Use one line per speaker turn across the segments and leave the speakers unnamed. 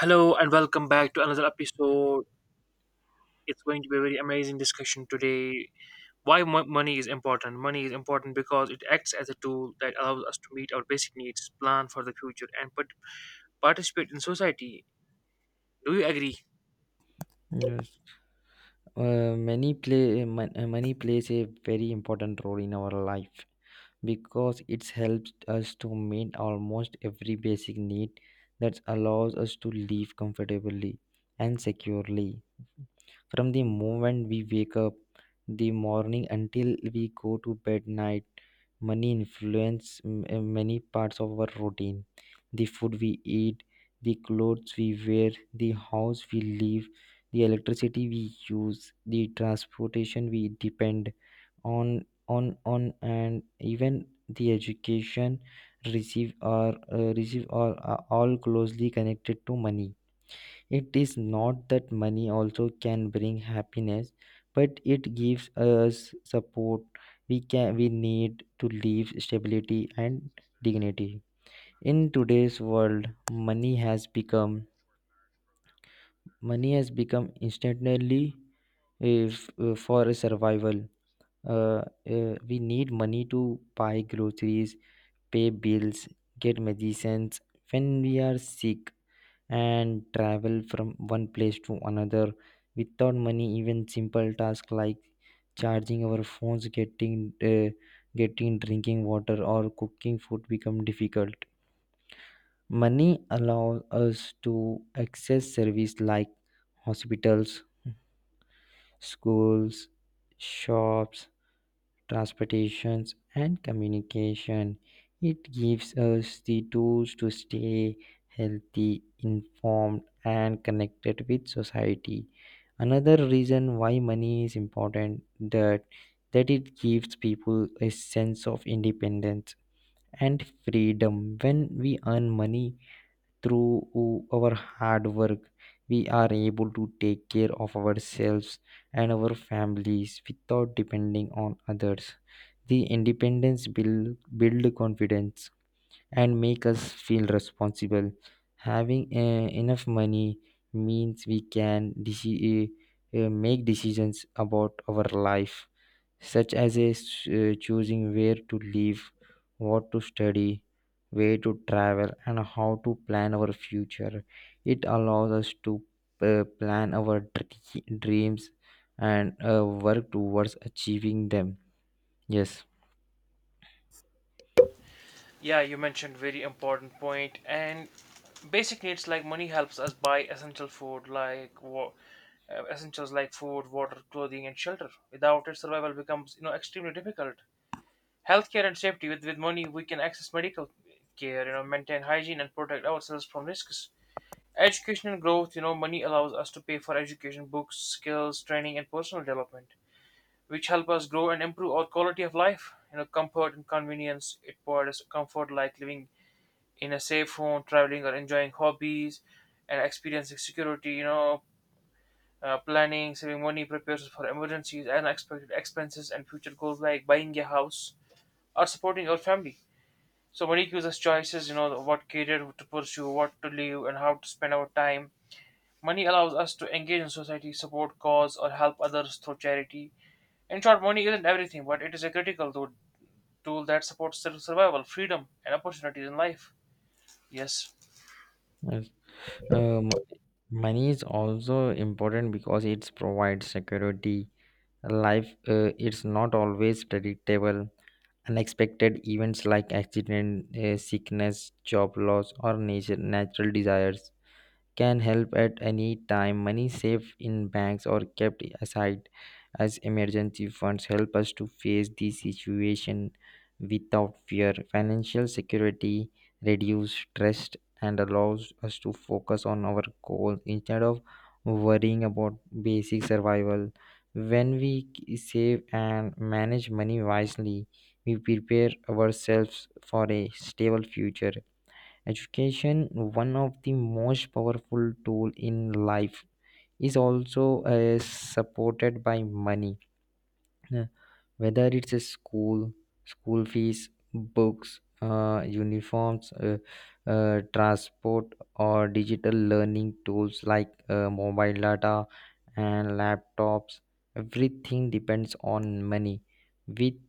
Hello and welcome back to another episode. It's going to be a very amazing discussion today. Why money is important? Money is important because it acts as a tool that allows us to meet our basic needs, plan for the future, and participate in society. Do you agree?
Yes, money plays a very important role in our life because it helps us to meet almost every basic need that allows us to live comfortably and securely from the moment we wake up the morning until we go to bed night. Money many parts of our routine. The food we eat, the clothes we wear, the house we live, the electricity we use, the transportation we depend on and even the education receive or receive or are all closely connected to money. It is not that money also can bring happiness, but it gives us support we need to live stability and dignity. In today's world, money has become instantly, if for survival. Uh, we need money to buy groceries, pay bills, get medicines when we are sick, and travel from one place to another. Without money, even simple tasks like charging our phones, getting drinking water, or cooking food become difficult. Money allows us to access service like hospitals, schools, shops, transportations, and communication. It gives us the tools to stay healthy, informed, and connected with society. Another reason why money is important that it gives people a sense of independence and freedom. When we earn money through our hard work, we are able to take care of ourselves and our families without depending on others. The independence build confidence and make us feel responsible. Having enough money means we can make decisions about our life, such as choosing where to live, what to study, where to travel, and how to plan our future. It allows us to plan our dreams and work towards achieving them. Yes.
Yeah, you mentioned very important point. And basic needs, like money helps us buy essential food like essentials like food, water, clothing, and shelter. Without it, survival becomes extremely difficult. Healthcare and safety, with money we can access medical care, maintain hygiene and protect ourselves from risks. Education and growth, money allows us to pay for education, books, skills training, and personal development, which help us grow and improve our quality of life. Comfort and convenience, it provides us comfort like living in a safe home, traveling, or enjoying hobbies and experiencing security. Planning, saving money prepares us for emergencies and unexpected expenses, and future goals like buying a house or supporting our family. So money gives us choices, you know, what career to pursue, what to live, and how to spend our time. Money allows us to engage in society, support cause, or help others through charity. In short, money isn't everything, but it is a critical tool that supports survival, freedom, and opportunities in life. Yes.
Yes. Um, Money is also important because it provides security. Life, it's not always predictable. Unexpected events like accident, sickness, job loss, or natural desires can help at any time. Money saved in banks or kept aside as emergency funds help us to face the situation without fear. Financial security reduces stress and allows us to focus on our goals instead of worrying about basic survival. When we save and manage money wisely, we prepare ourselves for a stable future. Education, one of the most powerful tool in life, is also supported by money. Uh, Whether it's a school school fees, books, uniforms, transport, or digital learning tools like mobile data and laptops, everything depends on money. With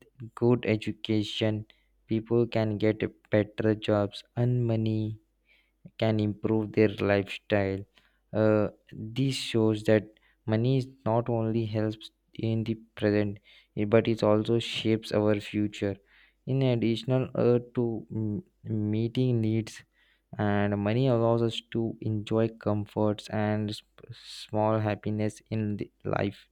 good education, people can get better jobs, earn money, can improve their lifestyle. This shows that money is not only helps in the present, but it also shapes our future. In addition to meeting needs, and money allows us to enjoy comforts and small happiness in the life.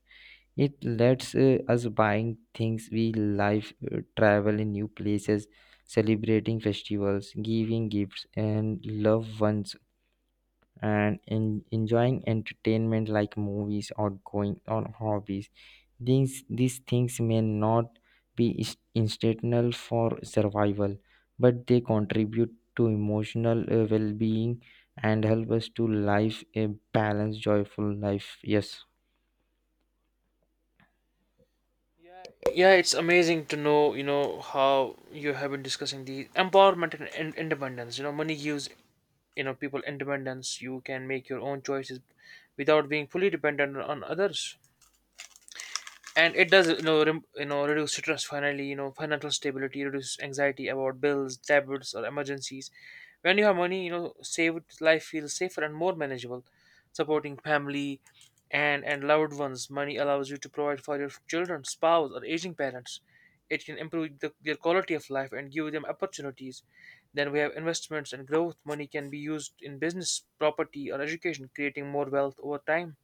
It lets us buying things we like, travel in new places, celebrating festivals, giving gifts, and love ones, and enjoying entertainment like movies or going on hobbies. These things may not be instrumental for survival, but they contribute to emotional well being and help us to live a balanced, joyful life. Yes.
Yeah, yeah, it's amazing to know, you know, how you have been discussing the empowerment and independence. You know, money gives, you know, people independence. You can make your own choices without being fully dependent on others. And it does, you know, reduce stress. Finally, you know, financial stability reduces anxiety about bills, debts, or emergencies. When you have money, you know, saved, life feels safer and more manageable. Supporting family and loved ones, money allows you to provide for your children, spouse, or aging parents. It can improve their quality of life and give them opportunities. Then we have investments and growth. Money can be used in business, property, or education, creating more wealth over time.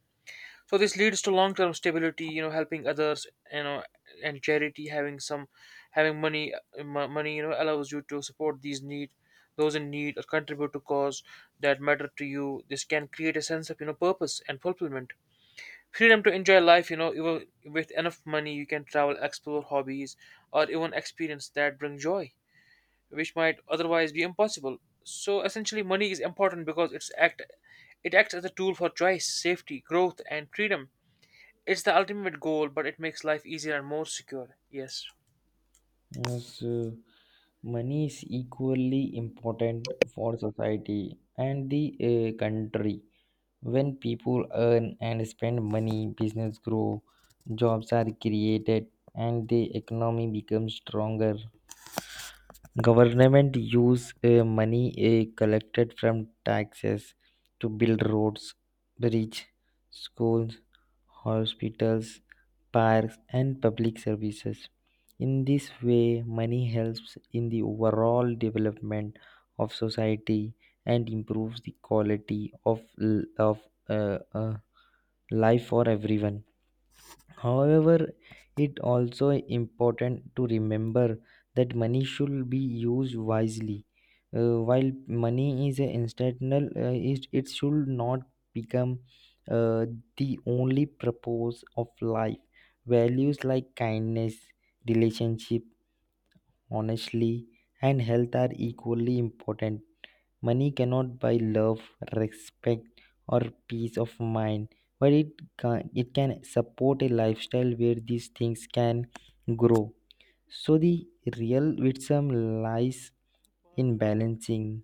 So this leads to long-term stability, you know, helping others, you know, and charity. Having money, money, you know, allows you to support those in need, or contribute to cause that matter to you. This can create a sense of, you know, purpose and fulfillment. Freedom to enjoy life, you know, even with enough money, you can travel, explore hobbies, or even experience that bring joy, which might otherwise be impossible. So essentially, money is important because it acts as a tool for choice, safety, growth, and freedom. It's the ultimate goal, but it makes life easier and more secure. Yes.
Yes, money is equally important for society and the country. When people earn and spend money, business grow, jobs are created, and the economy becomes stronger. Government use money collected from taxes to build roads, bridges, schools, hospitals, parks, and public services. In this way, money helps in the overall development of society and improves the quality of uh, uh, life for everyone. However, it also important to remember that money should be used wisely. While money is a instantaneous, it should not become uh, the only purpose of life. Values like kindness, relationship, honestly, and health are equally important. Money cannot buy love, respect, or peace of mind, but it can support a lifestyle where these things can grow. So the real wisdom lies in balancing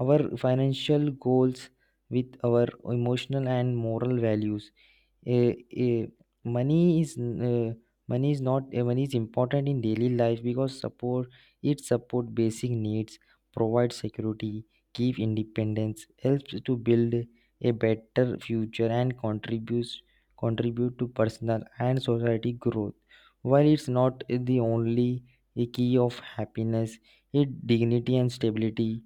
our financial goals with our emotional and moral values. eh, eh, money is uh, money is not Money is important in daily life because support it support basic needs, provide security, give independence, helps to build a better future, and contribute to personal and society growth. While it's not the only key of happiness, it dignity and stability.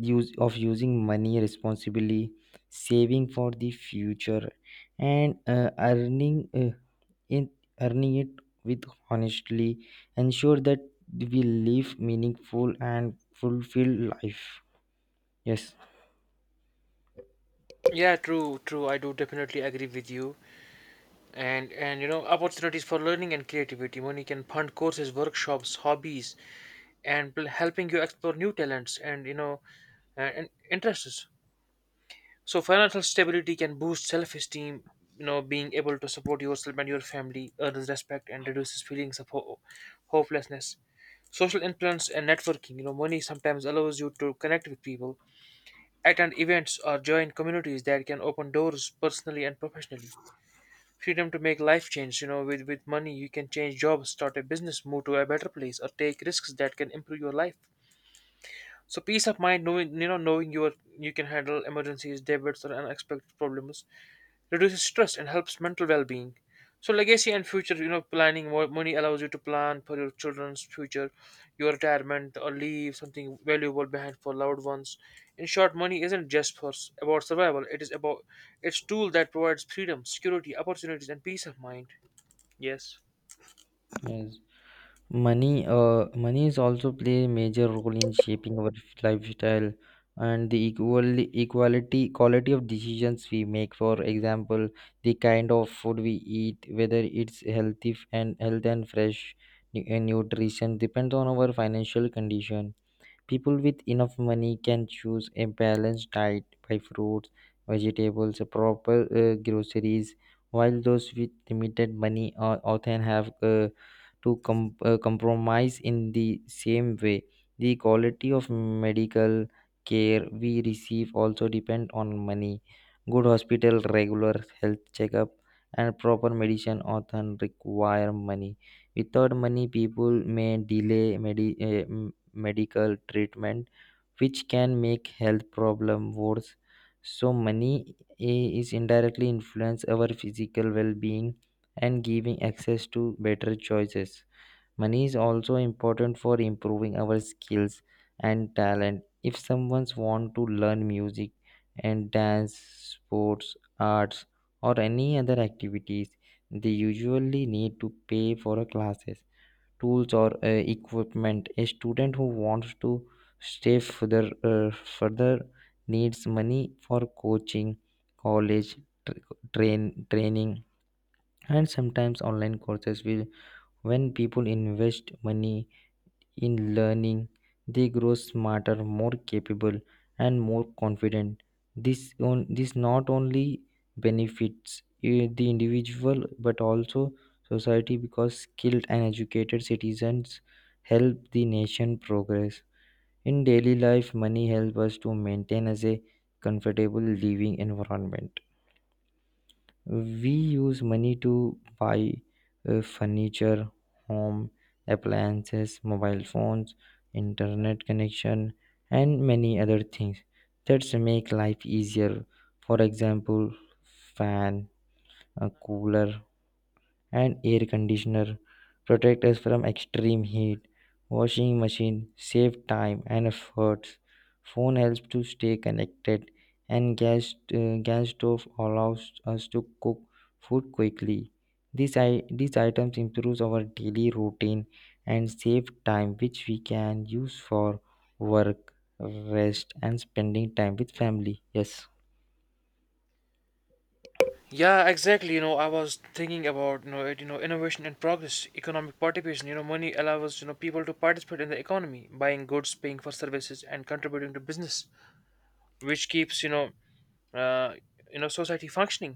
Use of using money responsibly, saving for the future, and in earning it with honestly ensure that we live meaningful and fulfilled life. Yes.
Yeah, true, true. I do definitely agree with you. And you know, opportunities for learning and creativity. Money can fund courses, workshops, hobbies, and will helping you explore new talents, and and interests. So financial stability can boost self-esteem. You know, being able to support yourself and your family earns respect and reduces feelings of hopelessness. Social influence and networking. You know, money sometimes allows you to connect with people, attend events, or join communities that can open doors personally and professionally. Freedom to make life change, you know, with money you can change jobs, start a business, move to a better place, or take risks that can improve your life. So peace of mind, knowing, you know, knowing your you can handle emergencies, debits, or unexpected problems, reduces stress and helps mental well-being. So legacy and future, you know, planning, money allows you to plan for your children's future, your retirement, or leave something valuable behind for loved ones. In short, money isn't just about survival. It is about It's tool that provides freedom, security, opportunities, and peace of mind. Yes.
Yes. Money is also play a major role in shaping our lifestyle and the equality quality of decisions we make. For example, the kind of food we eat, whether it's healthy f- and health and fresh nu- and nutrition, depends on our financial condition. People with enough money can choose a balanced diet by fruits, vegetables, proper groceries, while those with limited money often have to compromise in the same way. The quality of medical care we receive also depend on money. Good hospital, regular health checkup, and proper medicine often require money. Without money, people may medical treatment, which can make health problem worse. So money is indirectly influence our physical well-being and giving access to better choices. Money is also important for improving our skills and talent. If someone's want to learn music and dance, sports, arts, or any other activities, they usually need to pay for a classes, tools, or equipment. A student who wants to stay uh, further needs money for coaching, college, training, and sometimes online courses. Will When people invest money in learning, they grow smarter, more capable, and more confident. This not only benefits the individual but also society, because skilled and educated citizens help the nation progress. In daily life, money helps us to maintain as a comfortable living environment. We use money to buy furniture, home appliances, mobile phones, internet connection, and many other things that make life easier. For example, fan a cooler and air conditioner protect us from extreme heat. Washing machine save time and efforts. Phone helps to stay connected, and gas stove allows us to cook food quickly. These items improves our daily routine and save time, which we can use for work, rest, and spending time with family. Yes.
Yeah, exactly. You know, I was thinking about, you know, innovation and progress, economic participation. You know, money allows, you know, people to participate in the economy, buying goods, paying for services, and contributing to business, which keeps, uh, society functioning.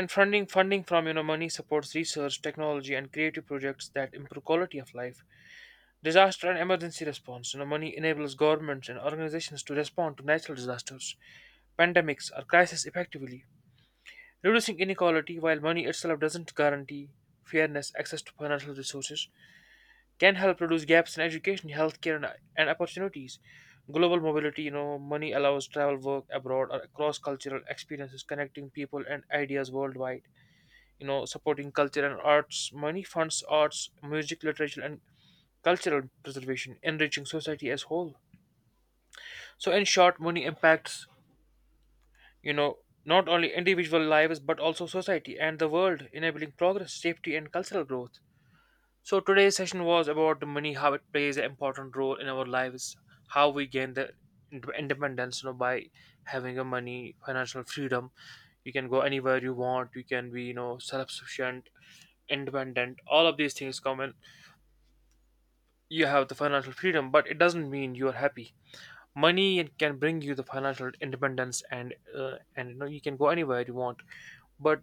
And funding from, you know, money supports research, technology, and creative projects that improve quality of life. Disaster and emergency response, you know, money enables governments and organizations to respond to natural disasters, pandemics, or crises effectively. Reducing inequality, while money itself doesn't guarantee fairness, access to financial resources can help reduce gaps in education, healthcare, and opportunities. Global mobility, you know, money allows travel, work abroad, or cross cultural experiences, connecting people and ideas worldwide. You know, supporting culture and arts, money funds arts, music, literature, and cultural preservation, enriching society as whole. So, in short, money impacts, you know, not only individual lives but also society and the world, enabling progress, safety, and cultural growth. So today's session was about money, how it plays an important role in our lives, how we gain the independence, you know, by having a money, financial freedom. You can go anywhere you want. You can be, you know, self-sufficient, independent. All of these things come in. You have the financial freedom, but it doesn't mean you are happy. Money can bring you the financial independence, and you know, you can go anywhere you want, but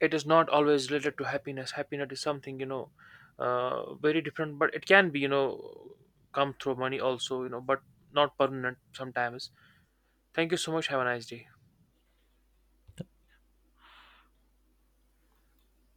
it is not always related to happiness. Happiness is something, you know, very different, but it can be, you know, come through money also, you know, but not permanent sometimes. Thank you so much, have a nice day.